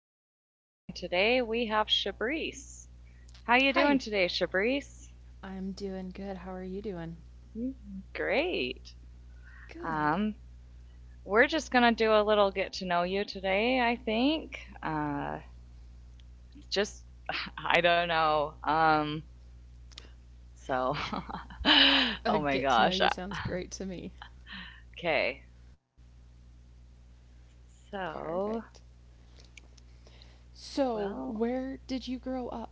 Carissa, and today we have Shabrice. How you doing today, Hi. Shabrice? I'm doing good. How are you doing? Great. Um, Good. we're just gonna do a little get to know you today. I think. Just I don't know. So, A oh my get to know gosh. you sounds great to me. Okay, so Perfect. So, well, where did you grow up?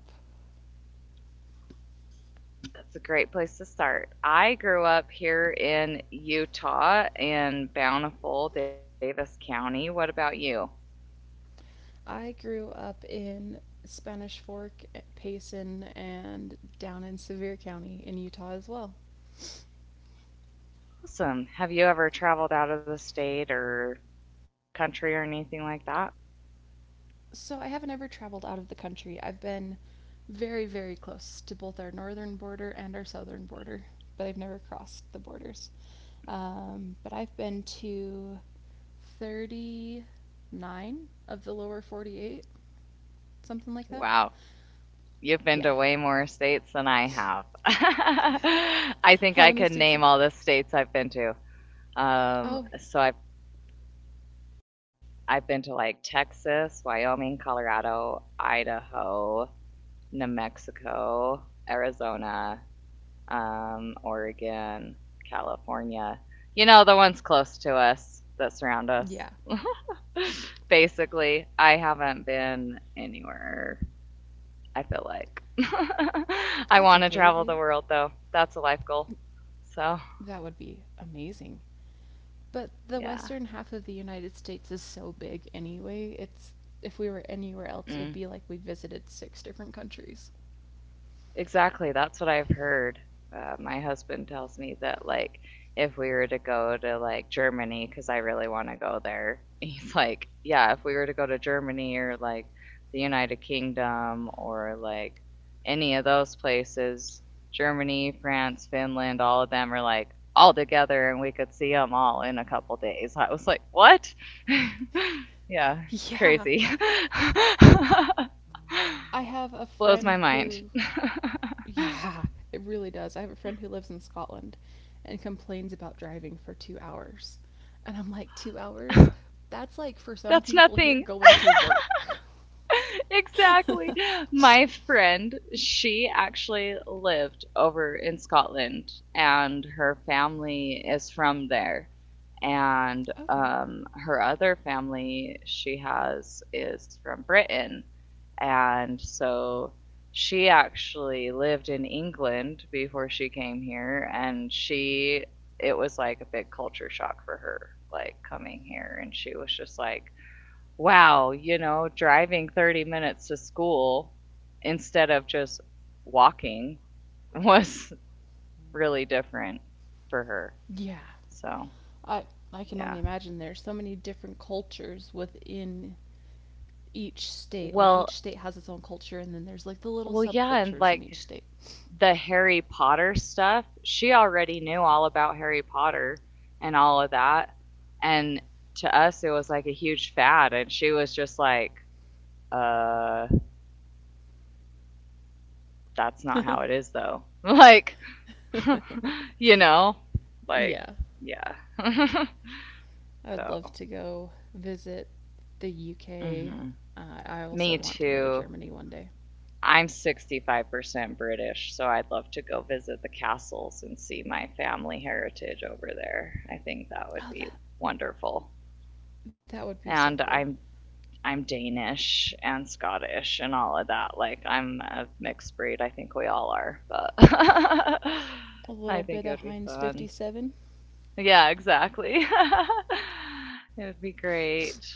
that's a great place to start. I grew up here in Utah in Bountiful, Davis County. What about you? I grew up in Spanish Fork, Payson, and down in Sevier County in Utah as well. Awesome. Have you ever traveled out of the state or country or anything like that? So, I haven't ever traveled out of the country. I've been very, very close to both our northern border and our southern border, but I've never crossed the borders. But I've been to 39 of the lower 48, something like that. Wow. You've been Yeah. to way more states than I have. I think How I many could states? name all the states I've been to. Oh, Um, so I've I've been to like Texas, Wyoming, Colorado, Idaho, New Mexico, Arizona, Oregon, California. You know, the ones close to us that surround yeah. us. Basically, I haven't been anywhere, I feel like. I That's want to okay. travel We the world, though. That's a life goal. So, That would be amazing. But the yeah. western half of the United States is so big anyway. It's If we were anywhere else, it'd Mm. be like we visited six different countries. Exactly, that's what I've heard. My husband tells me that, like, if we were to go to like Germany, because I really want to go there, he's like, yeah, if we were to go to Germany or like the United Kingdom or like any of those places, Germany, France, Finland, all of them are like all together and we could see them all in a couple days. I was like, what? Yeah, it's Yeah. crazy. I have a blows my friend mind. who Yeah, it really does. I have a friend who lives in Scotland and complains about driving for 2 hours. And I'm like, 2 hours? That's like for some That's people here nothing. going to work. exactly. My friend, she actually lived over in Scotland, and her family is from there. And Okay. Her other family she has is from Britain. And so she actually lived in England before she came here, and she, it was like a big culture shock for her, like coming here. And she was just like, wow, you know, driving 30 minutes to school instead of just walking was really different for her. Yeah. So, I I can yeah. only imagine there's so many different cultures within each state. Like each Well, state has its own culture, and then there's like the little well, yeah, and subcultures in like each state. the Harry Potter stuff, she already knew all about Harry Potter and all of that. And to us, it was like a huge fad. And she was just like, uh, that's not how it is, though. Like, you know, like Yeah. yeah. I'd so, love to go visit the UK. mhm. I also Me want to go to too. Germany one day. I'm 65% British, so I'd love to go visit the castles and see my family heritage over there. I think that Oh, would that be wonderful. That would be so And cool. I'm Danish and Scottish and all of that. Like I'm a mixed breed. I think we all are, but A little I bit think it of would be Heinz fun. 57. Yeah, exactly. it would be great.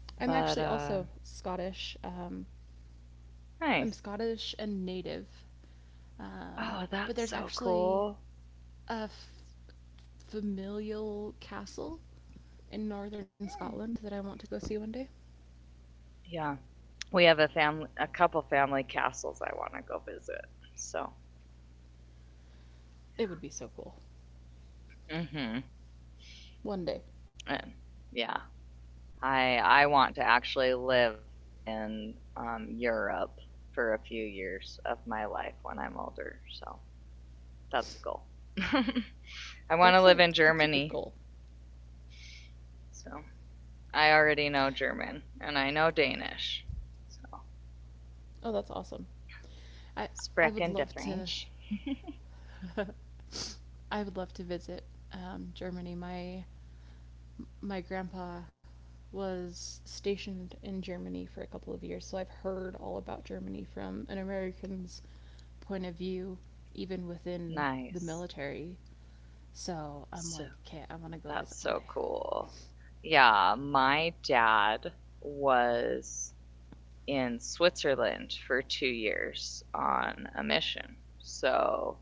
I'm actually But also Scottish. I'm nice. Scottish and native, um, Oh, but that's there's so actually cool. a f- familial castle in northern Mm. Scotland that I want to go see one day. Yeah. We have a family a couple family castles I want to go visit. So, It would be so cool. mhm. One day. And yeah, I want to actually live in Europe for a few years of my life when I'm older. So, that's a goal. I want That's to live a in that's a good Germany. goal. So, I already know German and I know Danish. So, Oh, that's awesome. I I would sprechen de love to French. I would love to visit Germany. My grandpa was stationed in Germany for a couple of years, so I've heard all about Germany from an American's point of view, even within the Nice. military. So I'm So, like, okay, I want to go that's visit so one day. cool. Yeah, my dad was in Switzerland for 2 years on a mission. So,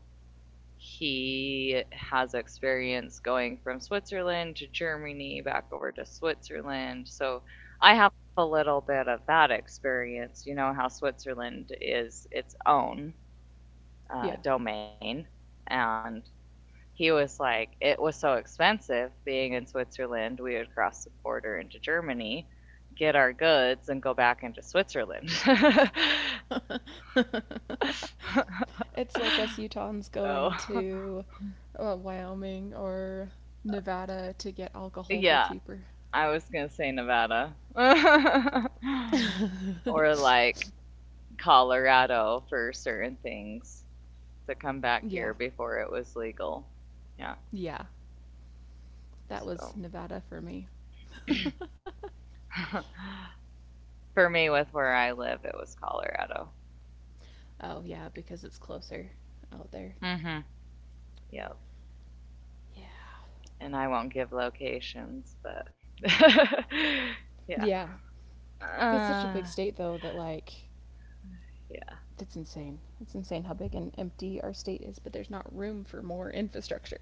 he has experience going from Switzerland to Germany, back over to Switzerland. So I have a little bit of that experience. You know how Switzerland is its own Yeah. Domain. And he was like, it was so expensive being in Switzerland, we would cross the border into Germany, get our goods, and go back into Switzerland. It's like us Utahns so, going to Wyoming or Nevada to get alcohol for yeah, cheaper. I was gonna say Nevada or like Colorado for certain things to come back here Yeah, before it was legal. Yeah, yeah, that was so Nevada for me. for me, with where I live, it was Colorado. Oh, yeah, because it's closer out there. Mm-hmm. Yep, Yeah. and I won't give locations, but Yeah. yeah, It's such a big uh, state, though, that, like, yeah. it's insane. It's insane how big and empty our state is, but there's not room for more infrastructure.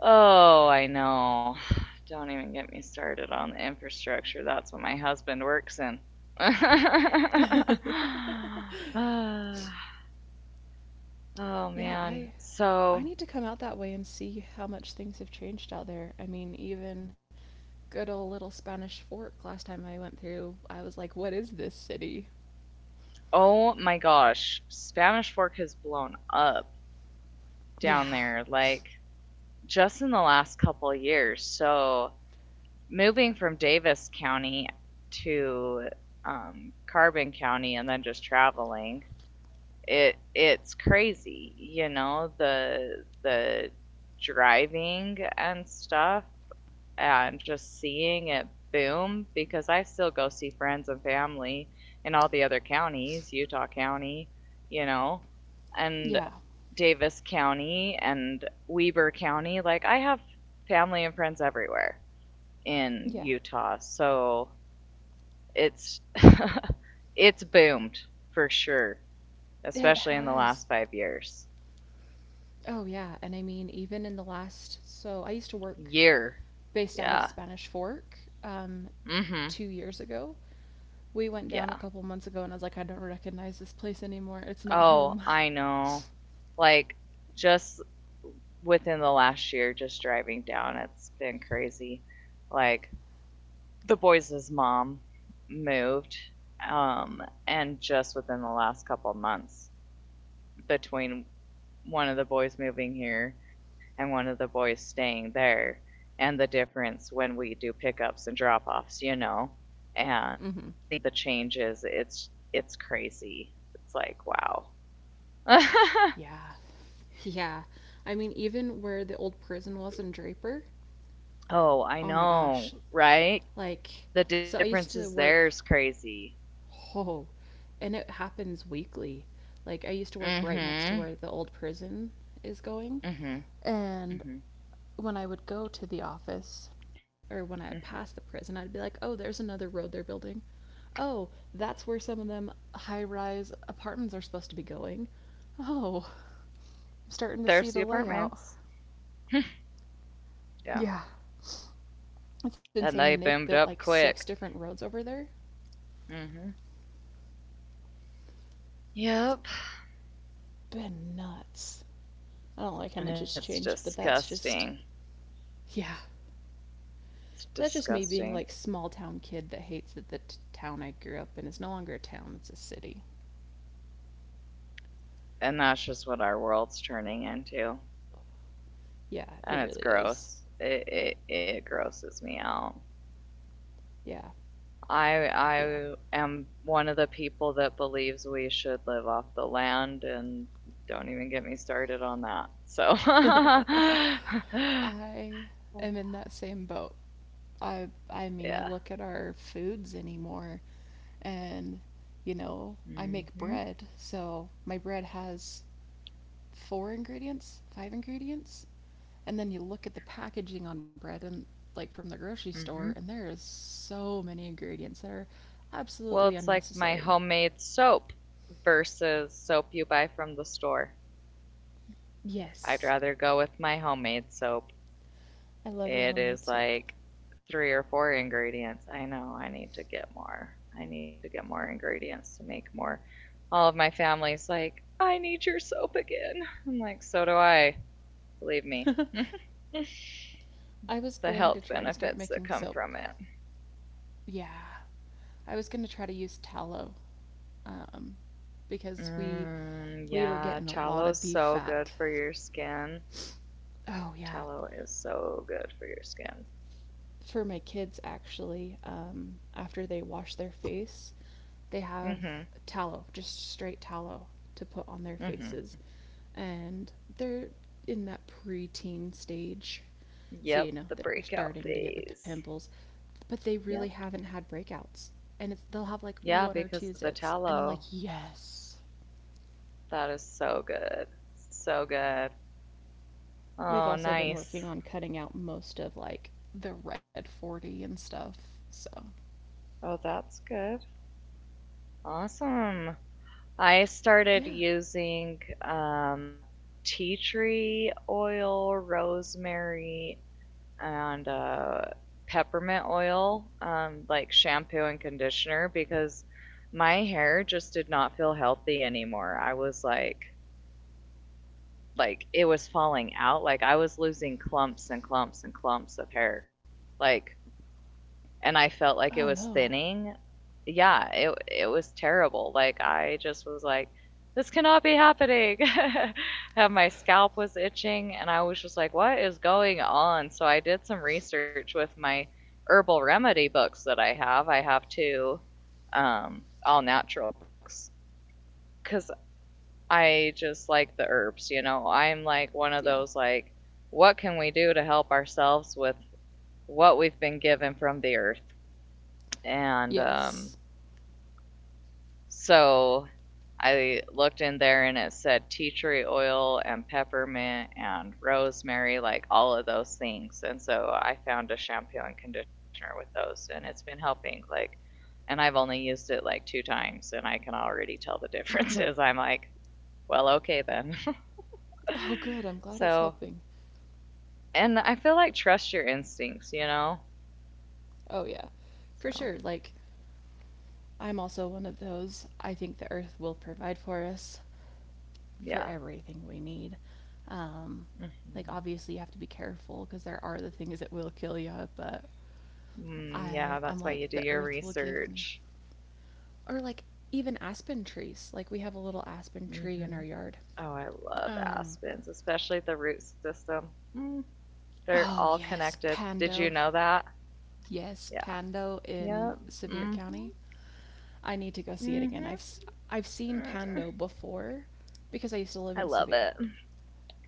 Oh, I know. Don't even get me started on the infrastructure. That's what my husband works in. Ah, oh Yeah, I man. I So, need to come out that way and see how much things have changed out there. I mean, even good old little Spanish Fork last time I went through, I was like, "What is this city?" oh my gosh, Spanish Fork has blown up down Yeah. there like just in the last couple of years. So, moving from Davis County to Carbon County and then just traveling it's crazy, you know, the driving and stuff and just seeing it boom, because I still go see friends and family in all the other counties, Utah County, you know, and Yeah. Davis County and Weber County. Like I have family and friends everywhere in Yeah. Utah. So it's it's boomed for sure, It especially in the has. last 5 years. Oh yeah, and I mean even in the last, so I used to work Year. based out of Yeah. Spanish Fork um, Mm hmm. 2 years ago. We went down a Yeah. couple months ago, and I was like, I don't recognize this place anymore. It's not Oh, home. I know. Like, just within the last year, just driving down, it's been crazy. Like, the boys' mom moved, and just within the last couple months, between one of the boys moving here and one of the boys staying there and the difference when we do pickups and drop-offs, you know, and Mm-hmm. seeing the changes, it's crazy. It's like, wow. Yeah, yeah. I mean, even where the old prison was in Draper. oh, I Oh my know, gosh. right? Like, The so I used differences to there is work. crazy. Oh, and it happens weekly. Like, I used to Mm work right next to Mhm. where the old prison is going. mm Mhm. mm And Mhm. mm when I would go to the office, or when I would Mhm. pass the prison, I'd be like, oh, there's another road they're building. Oh, that's where some of them high rise apartments are supposed to be going. Oh, I'm starting to Thirsty see the layout. apartments. yeah. Yeah, it's insane. And And they they've built boomed like up six quick. different roads over there. Mm Mhm. It's Yep. been nuts. I don't like how much And it's it's changed, but that's just, disgusting. yeah. It's That's just me being disgusting. like small town kid that hates that the town I grew up in is no longer a town, it's a city. And that's just what our world's turning into. Yeah, it And it's really is. gross. It grosses me out. Yeah, I, yeah. I am one of the people that believes we should live off the land, and don't even get me started on that. So, I am in that same boat. I mean, I yeah. look at our foods anymore, and you know, I make hmm bread, so my bread has four ingredients, five ingredients, and then you look at the packaging on bread and like from the grocery store, hmm and there is so many ingredients that are Well, absolutely it's like my unnecessary. homemade soap versus soap you buy from the store. I'd Yes, rather go with my homemade soap. I love your It is homemade soap. like three or four ingredients. I know I need to get more. I need to get more ingredients to make more. All of my family's like, I need your soap again. I'm like, so do I. Believe me. I was the going to health try to start benefits that making come soap. from it. Yeah, I was going to try to use tallow, um, because we Mm, we were yeah, getting a lot of tallow's beef so fat. good for your skin. Oh yeah, Tallow is so good for your skin. for my kids actually, after they wash their face, they have Mm-hmm. tallow, just straight tallow, to put on their Mm-hmm. faces, and they're in that preteen stage, Yep, so you know the they're breakout starting to get the phase. pimples, but they really haven't Yep. had breakouts, and it's, they'll have like Yeah, one or two because of the zits, and I'm like, tallow, yes, that is so good. So good. we've Oh, also been working nice. on cutting out most of like the red 40 and stuff, so Oh, that's good. Awesome. I started yeah. using tea tree oil, rosemary, and peppermint oil, like shampoo and conditioner, because my hair just did not feel healthy anymore. I was like it was falling out. Like I was losing clumps and clumps and clumps of hair. Like and I felt like Oh it was no. thinning. Yeah, it was terrible. Like I just was like, this cannot be happening. and my scalp was itching, and I was just like, what is going on? So I did some research with my herbal remedy books that I have. I have two all natural books because I just like the herbs. You know, I'm like one of Yeah. those like, what can we do to help ourselves with what we've been given from the earth? And um, Yes. so I looked in there and it said tea tree oil and peppermint and rosemary, like all of those things. And so I found a shampoo and conditioner with those, and it's been helping. Like, and I've only used it like two times, and I can already tell the differences. I'm like, well, okay then. Oh, good. I'm glad it's so, helping. and I feel like trust your instincts, you know? Oh, yeah. For sure. So, Like, I'm also one of those. I think the earth will provide for us for yeah. everything we need. Um, like, hmm obviously, you have to be careful because there are the things that will kill you, but Mm, I, yeah, I'm that's why like, you do the your earth will give me. research. Or, like, even aspen trees. Like, we have a little aspen tree in our Mhm. yard. Oh, I love Um, aspens, especially the root system. Mm, they're oh, all yes. connected. Did you Pando. know that? Yes, Yeah. Pando in Yep. Sevier Mhm. County. I need to go see it again. Mhm. I've seen Mm. Pando before because I used to live I in love Sevier. it.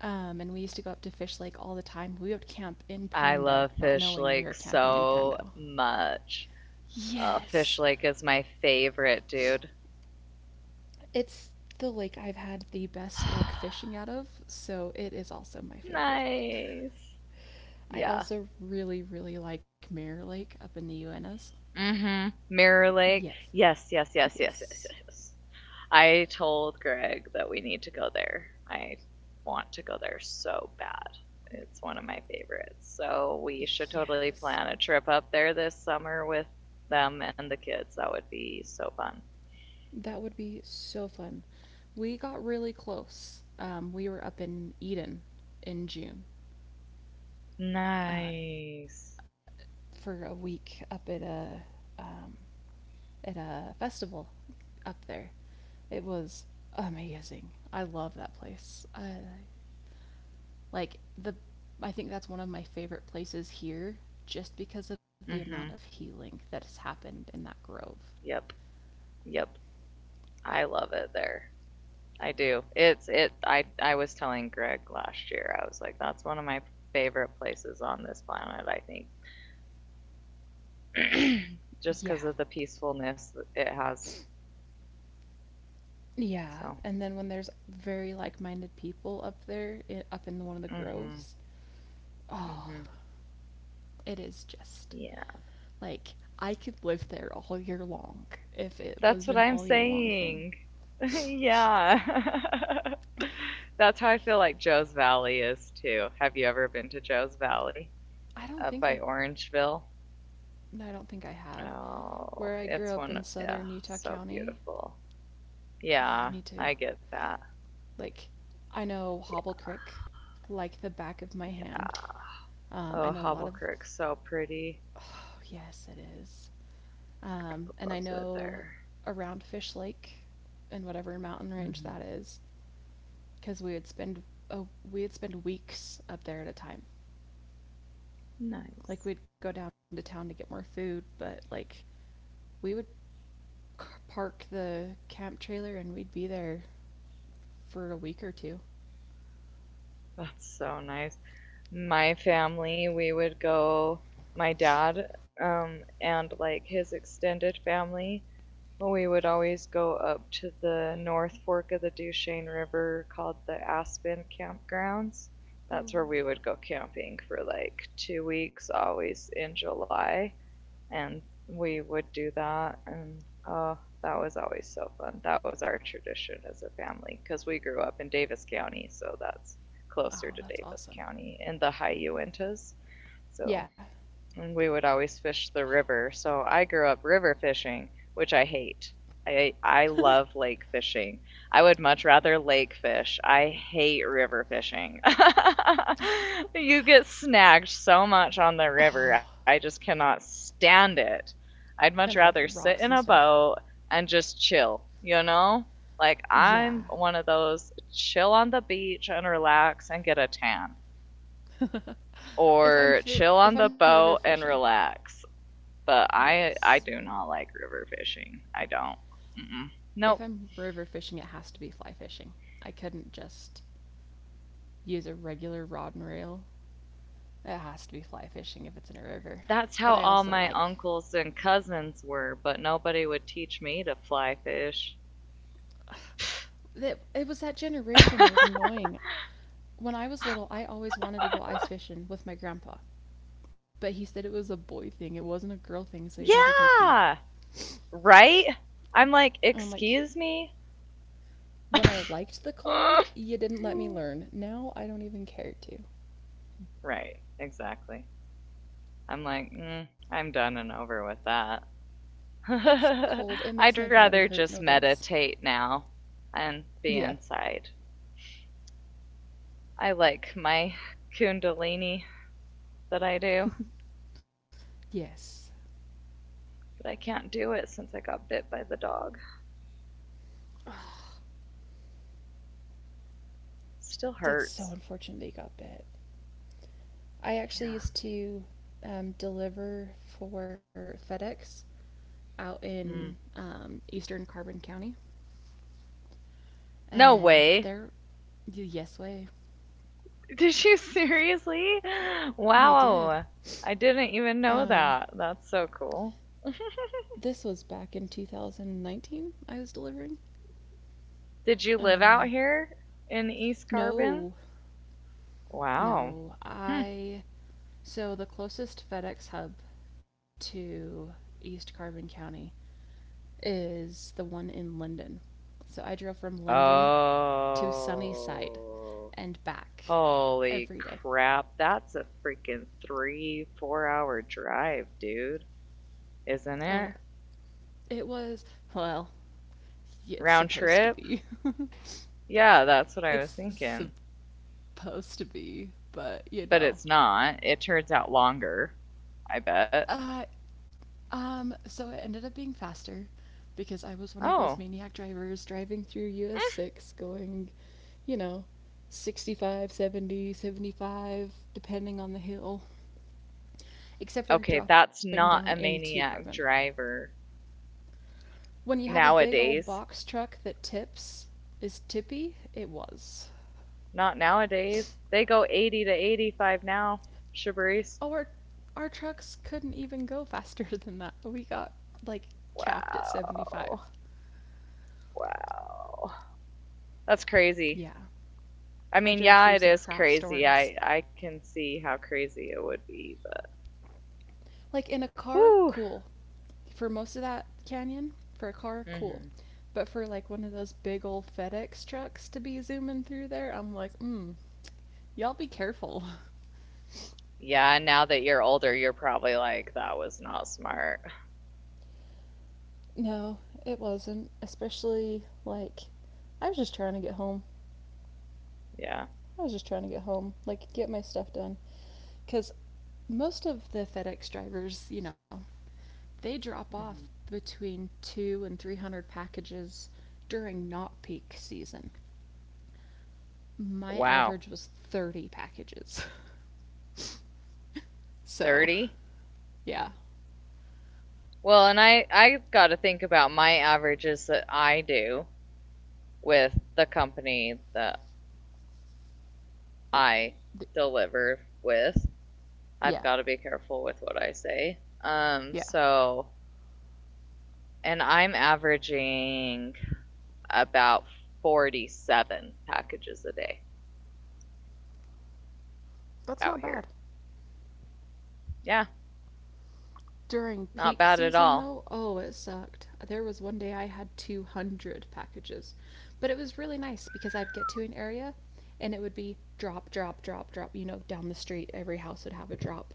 And we used to go up to Fish Lake all the time. We would camp in I Pando, love not Fish knowing we were Lake camping in so Pando. much. Fish Yes. Lake is my favorite, dude. It's the lake I've had the best luck fishing out of, so it is also my favorite. nice. I Yeah. also really, really like Mirror Lake up in the Uintas. Mhm. Mirror Lake. Yes. Yes, yes, yes, yes, yes, Yes. yes, yes. I told Greg that we need to go there. I want to go there so bad. It's one of my favorites. So we should totally plan Yes. a trip up there this summer with them and the kids. That would be so fun. That would be so fun. We got really close. We were up in Eden in June, uh, Nice. for a week up at um, a festival up there. It was amazing. I love that place. I like the. I think that's one of my favorite places here, just because of the amount Mhm. of healing that has happened in that grove. Yep. Yep. I love it there. I do. It's it I was telling Greg last year. I was like that's one of my favorite places on this planet, I think. Just cuz Yeah. of the peacefulness it has. Yeah, So and then when there's very like-minded people up there, I up in one of the Mhm. groves, oh, Mhm. it is just Yeah. like I could live there all year long if it That's was what an I'm all year long thing. saying. yeah. That's how I feel like Joe's Valley is too. Have you ever been to Joe's Valley I don't up think by I've, Orangeville? I don't think I have. Oh, Where I grew it's up one. in Yeah, southern Utah so County, beautiful. oh, I Yeah, need to I get that. like, I know Hobble Creek like the back of my hand. Yeah. Oh, I know a Hobble lot of, Creek's so pretty. oh, yes, it is. Greg And I loves it know there. around Fish Lake and whatever mountain range Hmm that is, because we would spend oh, we would spend weeks up there at a time. Like Nice. we'd go down to town to get more food, but like we would park the camp trailer, and we'd be there for a week or two. That's so nice. My family, we would go, my dad, and like his extended family, we would always go up to the North Fork of the Duchesne River called the Aspen Campgrounds. That's where Ooh. we would go camping for like 2 weeks, always in July, and we would do that and oh that was always so fun. That was our tradition as a family because we grew up in Davis County, so that's closer to Oh, that's Davis awesome. County in the High Uintas. So Yeah. and we would always fish the river. So I grew up river fishing, which I hate. I love lake fishing. I would much rather lake fish. I hate river fishing. You get snagged so much on the Ugh, river. I just cannot stand it. I'd and much all the rather sit rocks and in a stuff. boat and just chill, you know? Like Yeah. I'm one of those chill on the beach and relax and get a tan or chill on If the I'm river boat and fishing, relax, but I yes. I do not like river fishing. I don't. Mm-mm. If Nope. I'm river fishing, it has to be fly fishing. I couldn't just use a regular rod and reel. It has to be fly fishing if it's in a river. That's But how I all also my like. uncles and cousins were, but nobody would teach me to fly fish. It was that generation. It was annoying. When I was little, I always wanted to go ice fishing with my grandpa. But he said it was a boy thing, it wasn't a girl thing, so he'd never take me. Yeah, right. I'm like, And I'm like, excuse me. when I liked the cold, you didn't let me learn. Now I don't even care to. Right, exactly. I'm like, I'm done and over with that. It's cold. It makes I'd my body rather hurt. just No thanks. meditate now and be Yeah. inside. I like my kundalini that I do. Yes. But I can't do it since I got bit by the dog. It still That's hurts. so unfortunate that you got bit. I actually Yeah. used to, deliver for FedEx out in Mm. Eastern Carbon County, No and way. they're yes way. Did you seriously? Yeah, I did. Wow. I didn't even Um, know that. That's so cool. this was back in 2019. I was delivering. Did you live Um, out here in East no, Carbon? Wow. no, Hmm. I. So the closest FedEx hub to East Carbon County is the one in Linden. So I drove from Linden to Sunnyside Oh. and back Holy every day. crap. That's a freaking three, 4 hour drive, dude. Isn't Oh, it? it was, well, it's Round supposed to trip? be. Yeah, that's what I was It's supposed thinking. to be, but you But know. it's not. It turns out longer, I bet. I so it ended up being faster because I was one of those Oh. maniac drivers driving through Eh. US 6 going, you know, 65, 70, 75, depending on the hill. Except for Okay, that's dropping down not a into Carbon. maniac driver When you have a big old nowadays. box truck that tips, is tippy? It was. Not nowadays. They go 80 to 85 now, Shabrice. Oh, our trucks couldn't even go faster than that. We got like capped at 75. Wow. Wow. That's crazy. Yeah, I I mean, drove yeah, through it some is crap crazy. storms. I can see how crazy it would be, but Like in a car, whoo. cool. For most of that canyon, for a car, cool. Hmm. But for like one of those big old FedEx trucks to be zooming through there, I'm like, mm, y'all be careful. Yeah, now that you're older, you're probably like, that was not smart. No, it wasn't. Especially like I was just trying to get home. Yeah. I was just trying to get home, like get my stuff done cuz most of the FedEx drivers, they drop Mhm. off between 2 and 300 packages during not peak season. My Wow. average was 30 packages. So, 30? yeah. Well, and I got to think about my averages that I do with the company that Th- I th- deliver with. I've yeah. got to be careful with what I say. Yeah. So and I'm averaging about 47 packages a day That's out not bad. here. Yeah, During not peak bad at season all. though, oh, it sucked. There was one day I had 200 packages. But it was really nice because I'd get to an area and it would be drop, drop, drop, drop, down the street. Every house would have a drop.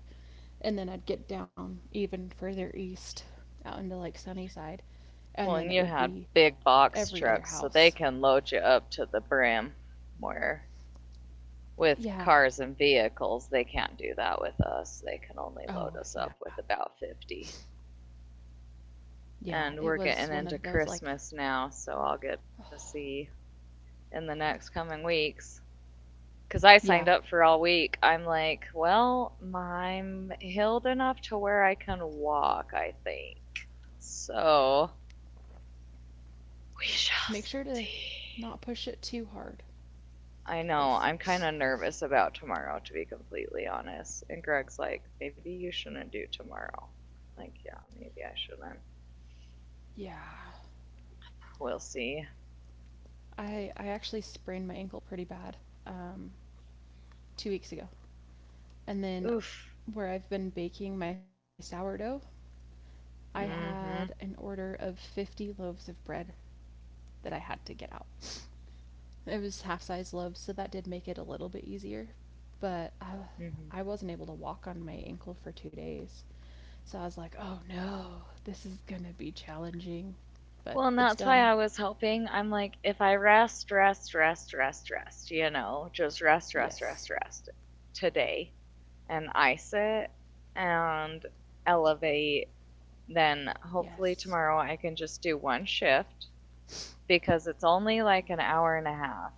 And then I'd get down even further east out into like Sunnyside, Well, and and then you it would had be big box every other trucks so they house. can load you up to the brim where with Yeah. cars and vehicles, they can't do that with us. They can only Oh, load us yeah. up with about 50. Yeah. It was And we're one of getting those, into like, Christmas now, so I'll get to see in the next coming weeks. Because I yeah, signed up for all week. I'm like, well, I'm healed enough to where I can walk, I think. So we make shall sure to see. not push it too hard I because, know. I'm kind of nervous about tomorrow, to be completely honest. And Greg's like, maybe you shouldn't do tomorrow. I'm like, yeah, maybe I shouldn't. yeah. We'll see. I actually sprained my ankle pretty bad um, 2 weeks ago, and then Oof. where I've been baking my sourdough, I Mm had an hmm. order of 50 loaves of bread that I had to get out. It was half size loaves, so that did make it a little bit easier, but Mm hmm. I wasn't able to walk on my ankle for 2 days. So I was like, oh no, this is gonna be challenging. But Well, and it's that's why done. I was hoping. I'm like, if I rest, rest, rest, rest, rest, you know, just rest, rest, Yes. rest, rest today and ice it and elevate, then hopefully Yes. tomorrow I can just do one shift because it's only like an hour and a half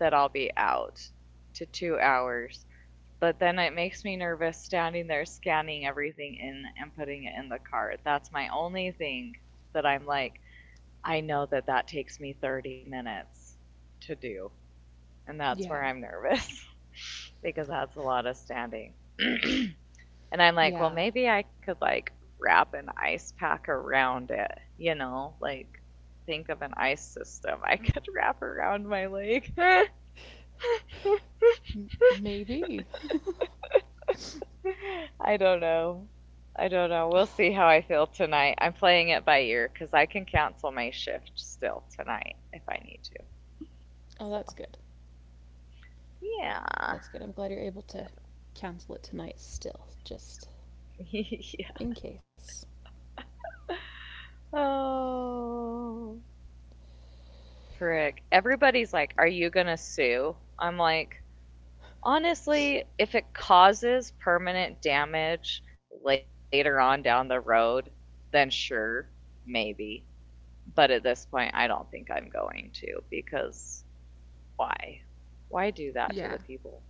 that I'll be out to 2 hours. But then it makes me nervous standing there scanning everything in and putting it in the cart. That's my only thing that I'm like, I know that that takes me 30 minutes to do. And that's Yeah. where I'm nervous because that's a lot of standing. And I'm like, Yeah. well, maybe I could like wrap an ice pack around it, you know, like think of an ice system I could wrap around my leg. Maybe. I don't know. I don't know. We'll see how I feel tonight. I'm playing it by ear because I can cancel my shift still tonight if I need to. Oh, So, that's good. yeah. That's good. I'm glad you're able to cancel it tonight still, just Yeah. in case. Oh. Frick. Everybody's like, are you going to sue? I'm like, honestly, if it causes permanent damage later on down the road, then sure, maybe. But at this point, I don't think I'm going to because why? Why do that to the Yeah. people?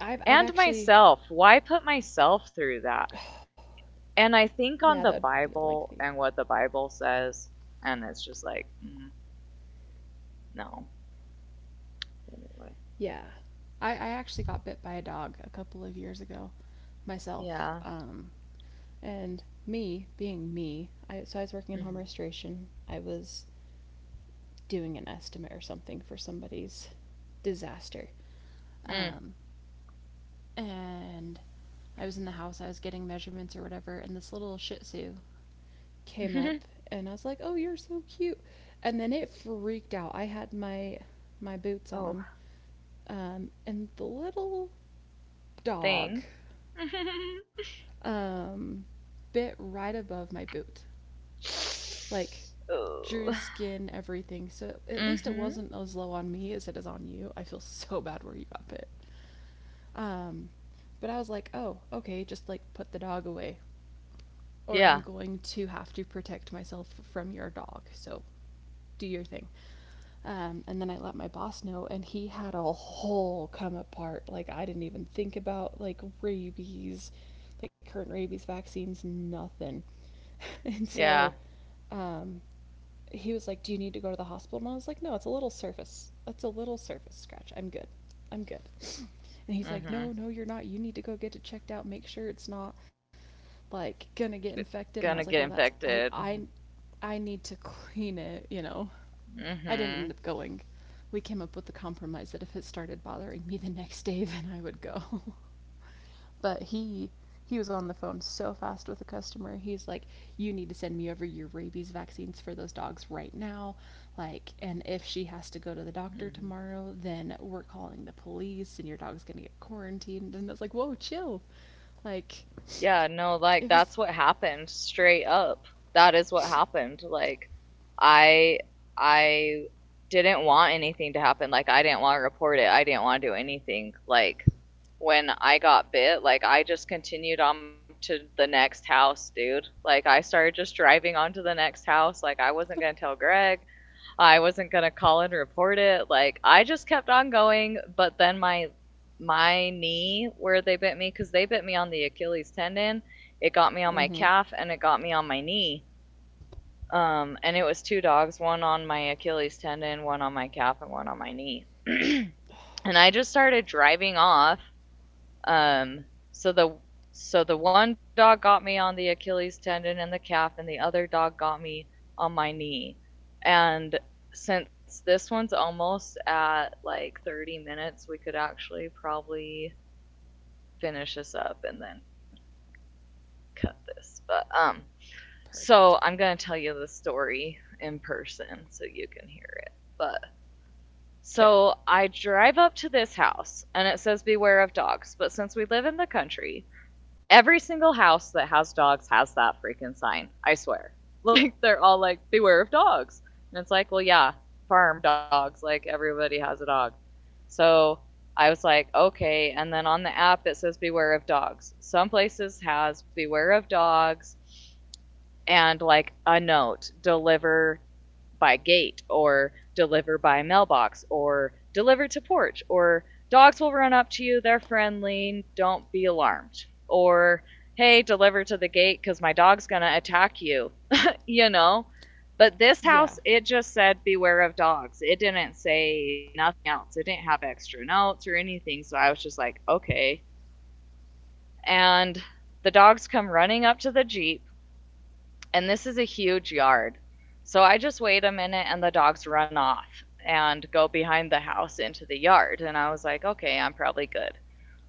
I have I've And actually, myself. Why put myself through that? And I yeah, think that'd on the be a lengthy. Bible and what the Bible says, and it's just like, no. Anyway. Yeah. I actually got bit by a dog a couple of years ago myself. Yeah. Um, And me, being me, so I was working in home Mm-hmm. restoration. I was doing an estimate or something for somebody's disaster. Mm. um, and I was in the house, I was getting measurements or whatever, and this little Shih Tzu came up and I was like, "Oh, you're so cute." And then it freaked out. I had my boots on. Oh, And the little dog thing. um, bit right above my boot. Like, drew Oh. skin, everything. So at least it Mhm. wasn't as low on me as it is on you. I feel so bad where you got bit. Um, but I was like, "Oh, okay, just like put the dog away or I'm Yeah. going to have to protect myself from your dog. So do your thing." And then I let my boss know, and he had a whole come apart. Like, I didn't even think about like rabies, like current rabies vaccines, nothing. And so Yeah. um, he was like, do you need to go to the hospital? And I was like, no, it's a little surface. It's a little surface scratch. I'm good. I'm good. And he's like, no, no, Mhm. you're not. You need to go get it checked out. Make sure it's not like gonna get infected. And I was like, well, Gonna get that's infected. Mhm. I need to clean it. I didn't end up going. We came up with the compromise that if it started bothering me the next day, then I would go. But he was on the phone so fast with a customer. He's like, "You need to send me over your rabies vaccines for those dogs right now." Like, and if she has to go to the doctor Mhm. tomorrow, then we're calling the police and your dog's going to get quarantined. And it's like, "Whoa, chill." Like, Yeah, no, it like was. that's what happened straight up. That is what happened. Like I I didn't want anything to happen. Like I didn't want to report it. I didn't want to do anything. Like when I got bit, like I just continued on to the next house, dude. Like I started just driving on to the next house. Like I wasn't gonna tell Greg. I wasn't gonna call and report it. Like I just kept on going, but then my knee where they bit me because they bit me on the Achilles tendon. It got me on my Mm-hmm. calf and it got me on my knee. And it was two dogs, one on my Achilles tendon, one on my calf, and one on my knee. And I just started driving off um, so the one dog got me on the Achilles tendon and the calf, and the other dog got me on my knee. And since this one's almost at like 30 minutes, we could actually probably finish this up and then cut this. But So Perfect. I'm gonna tell you the story in person so you can hear it. But Okay. so I drive up to this house and it says beware of dogs. But since we live in the country, every single house that has dogs has that freaking sign. I swear. Yeah. Like they're all like, beware of dogs. And it's like, well, yeah, farm dogs. Like everybody has a dog. So I was like, okay. And then on the app, it says beware of dogs. Some places has beware of dogs and like a note, deliver by gate or deliver by mailbox or deliver to porch, or dogs will run up to you, they're friendly, don't be alarmed, or hey, deliver to the gate cuz my dog's going to attack you. You know, but this house, Yeah. it just said beware of dogs. It didn't say nothing else. It didn't have extra notes or anything. So I was just like, okay. And the dogs come running up to the Jeep, and this is a huge yard. So I just wait a minute and the dogs run off and go behind the house into the yard. And I was like, okay, I'm probably good.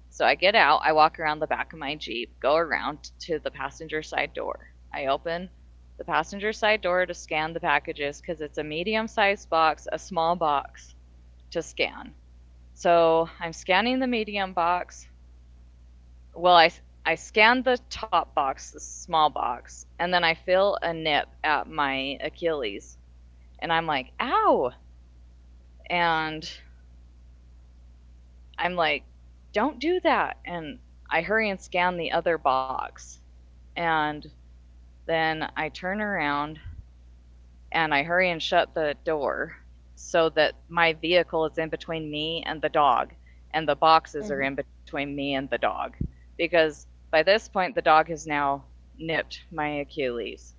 So I get out, I walk around the back of my Jeep, go around to the passenger side door. I open the passenger side door to scan the packages because it's a medium sized box, a small box to scan. So I'm scanning the medium box. Well, I scan the top box, the small box, and then I feel a nip at my Achilles. And I'm like, ow. And I'm like, don't do that. And I hurry and scan the other box. And then I turn around and I hurry and shut the door so that my vehicle is in between me and the dog, and the boxes Mm-hmm. are in between me and the dog. Because by this point, the dog has now nipped my Achilles.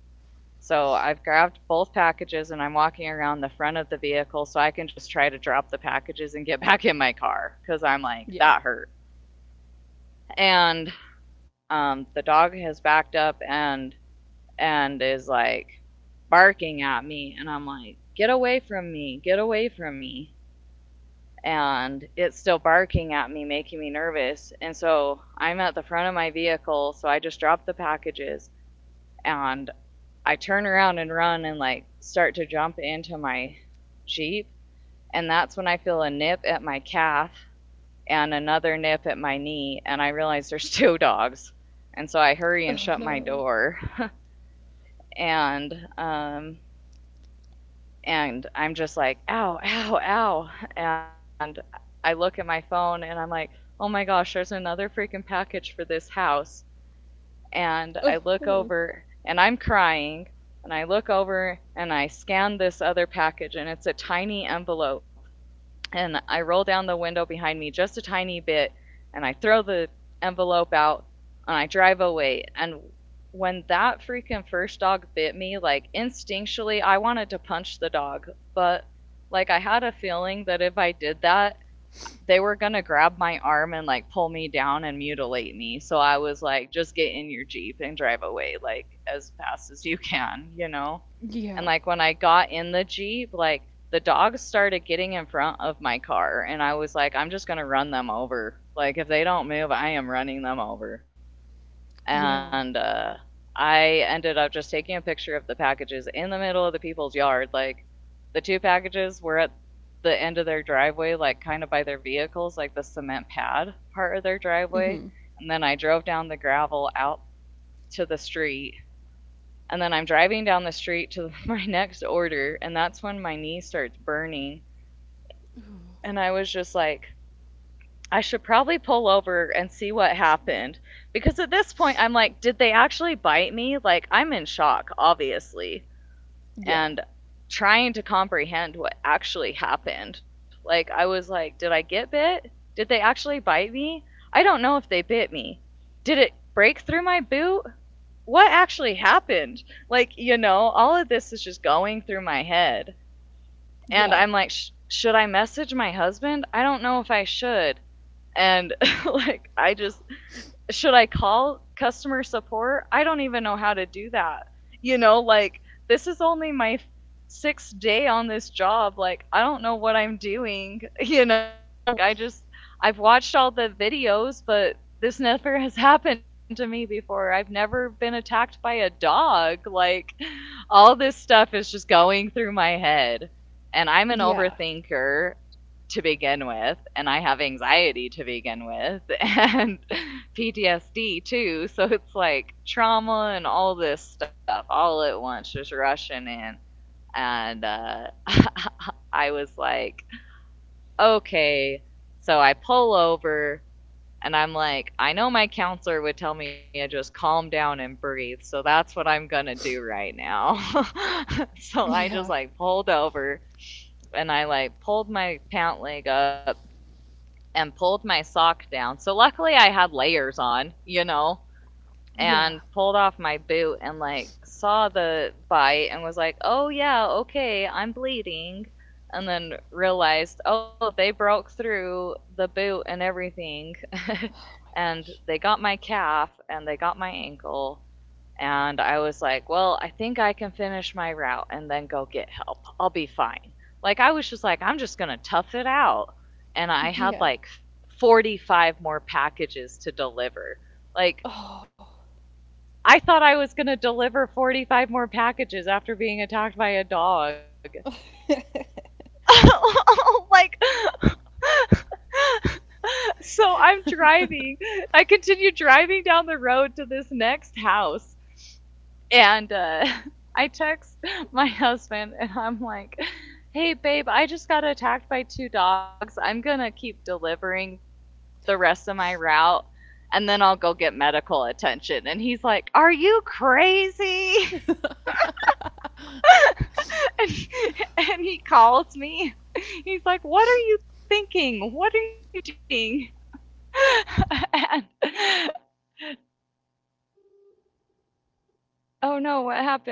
So I've grabbed both packages and I'm walking around the front of the vehicle so I can just try to drop the packages and get back in my car because I'm like, that Yeah. hurt. And The dog has backed up and is like barking at me. And I'm like, get away from me, get away from me. And it's still barking at me, making me nervous. And so I'm at the front of my vehicle. So I just drop the packages and I turn around and run and like start to jump into my Jeep. And that's when I feel a nip at my calf and another nip at my knee. And I realize there's two dogs. And so I hurry and Oh shut my no. door. And um, and I'm just like, ow, ow, ow. And I look at my phone and I'm like, oh my gosh, there's another freaking package for this house. And I look Oh. over and I'm crying. And I look over and I scan this other package and it's a tiny envelope and I roll down the window behind me just a tiny bit and I throw the envelope out and I drive away. And when that freaking first dog bit me, like instinctually, I wanted to punch the dog, but like I had a feeling that if I did that, they were gonna grab my arm and like pull me down and mutilate me. So I was like, just get in your Jeep and drive away like as fast as you can, you know? Yeah. And like when I got in the Jeep, like the dogs started getting in front of my car and I was like, I'm just gonna run them over. Like if they don't move, I am running them over. Yeah. And I ended up just taking a picture of the packages in the middle of the people's yard. Like the two packages were at the end of their driveway, like kind of by their vehicles, like the cement pad part of their driveway. Mm-hmm. And then I drove down the gravel out to the street. And then I'm driving down the street to my next order. And that's when my knee starts burning. And I was just like, I should probably pull over and see what happened. Because at this point, I'm like, did they actually bite me? Like, I'm in shock, obviously, Yeah. and trying to comprehend what actually happened. Like, I was like, did I get bit? Did they actually bite me? I don't know if they bit me. Did it break through my boot? What actually happened? Like, you know, all of this is just going through my head. And I'm Yeah. like, Should I message my husband? I don't know if I should." And like, I just, should I call customer support? I don't even know how to do that. You know, like this is only my sixth day on this job. Like I don't know what I'm doing. You know, like I just, I've watched all the videos, but this never has happened to me before. I've never been attacked by a dog. Like all this stuff is just going through my head. And I'm an Yeah. overthinker to begin with, and I have anxiety to begin with. And PTSD too. So it's like trauma and all this stuff all at once, just rushing in. And I was like, okay. So I pull over and I'm like, I know my counselor would tell me to just calm down and breathe. So that's what I'm going to do right now. So I just Yeah. like pulled over and I like pulled my pant leg up and pulled my sock down. So luckily I had layers on, you know, and Yeah. pulled off my boot and like saw the bite and was like, "Oh yeah, okay, I'm bleeding." And then realized, "Oh, they broke through the boot and everything." Oh my And God. they got my calf and they got my ankle. And I was like, "Well, I think I can finish my route and then go get help. I'll be fine." Like I was just like, "I'm just going to tough it out." And I had Yeah. like 45 more packages to deliver. Like 哦，I thought I was going to deliver 45 more packages after being attacked by a dog. Like, so I'm driving. I continue driving down the road to this next house. And I text my husband and I'm like, hey, babe, I just got attacked by two dogs. I'm going to keep delivering the rest of my route and then I'll go get medical attention. And he's like, are you crazy? and, and he calls me. He's like, what are you thinking? What are you doing? And oh no, what happened?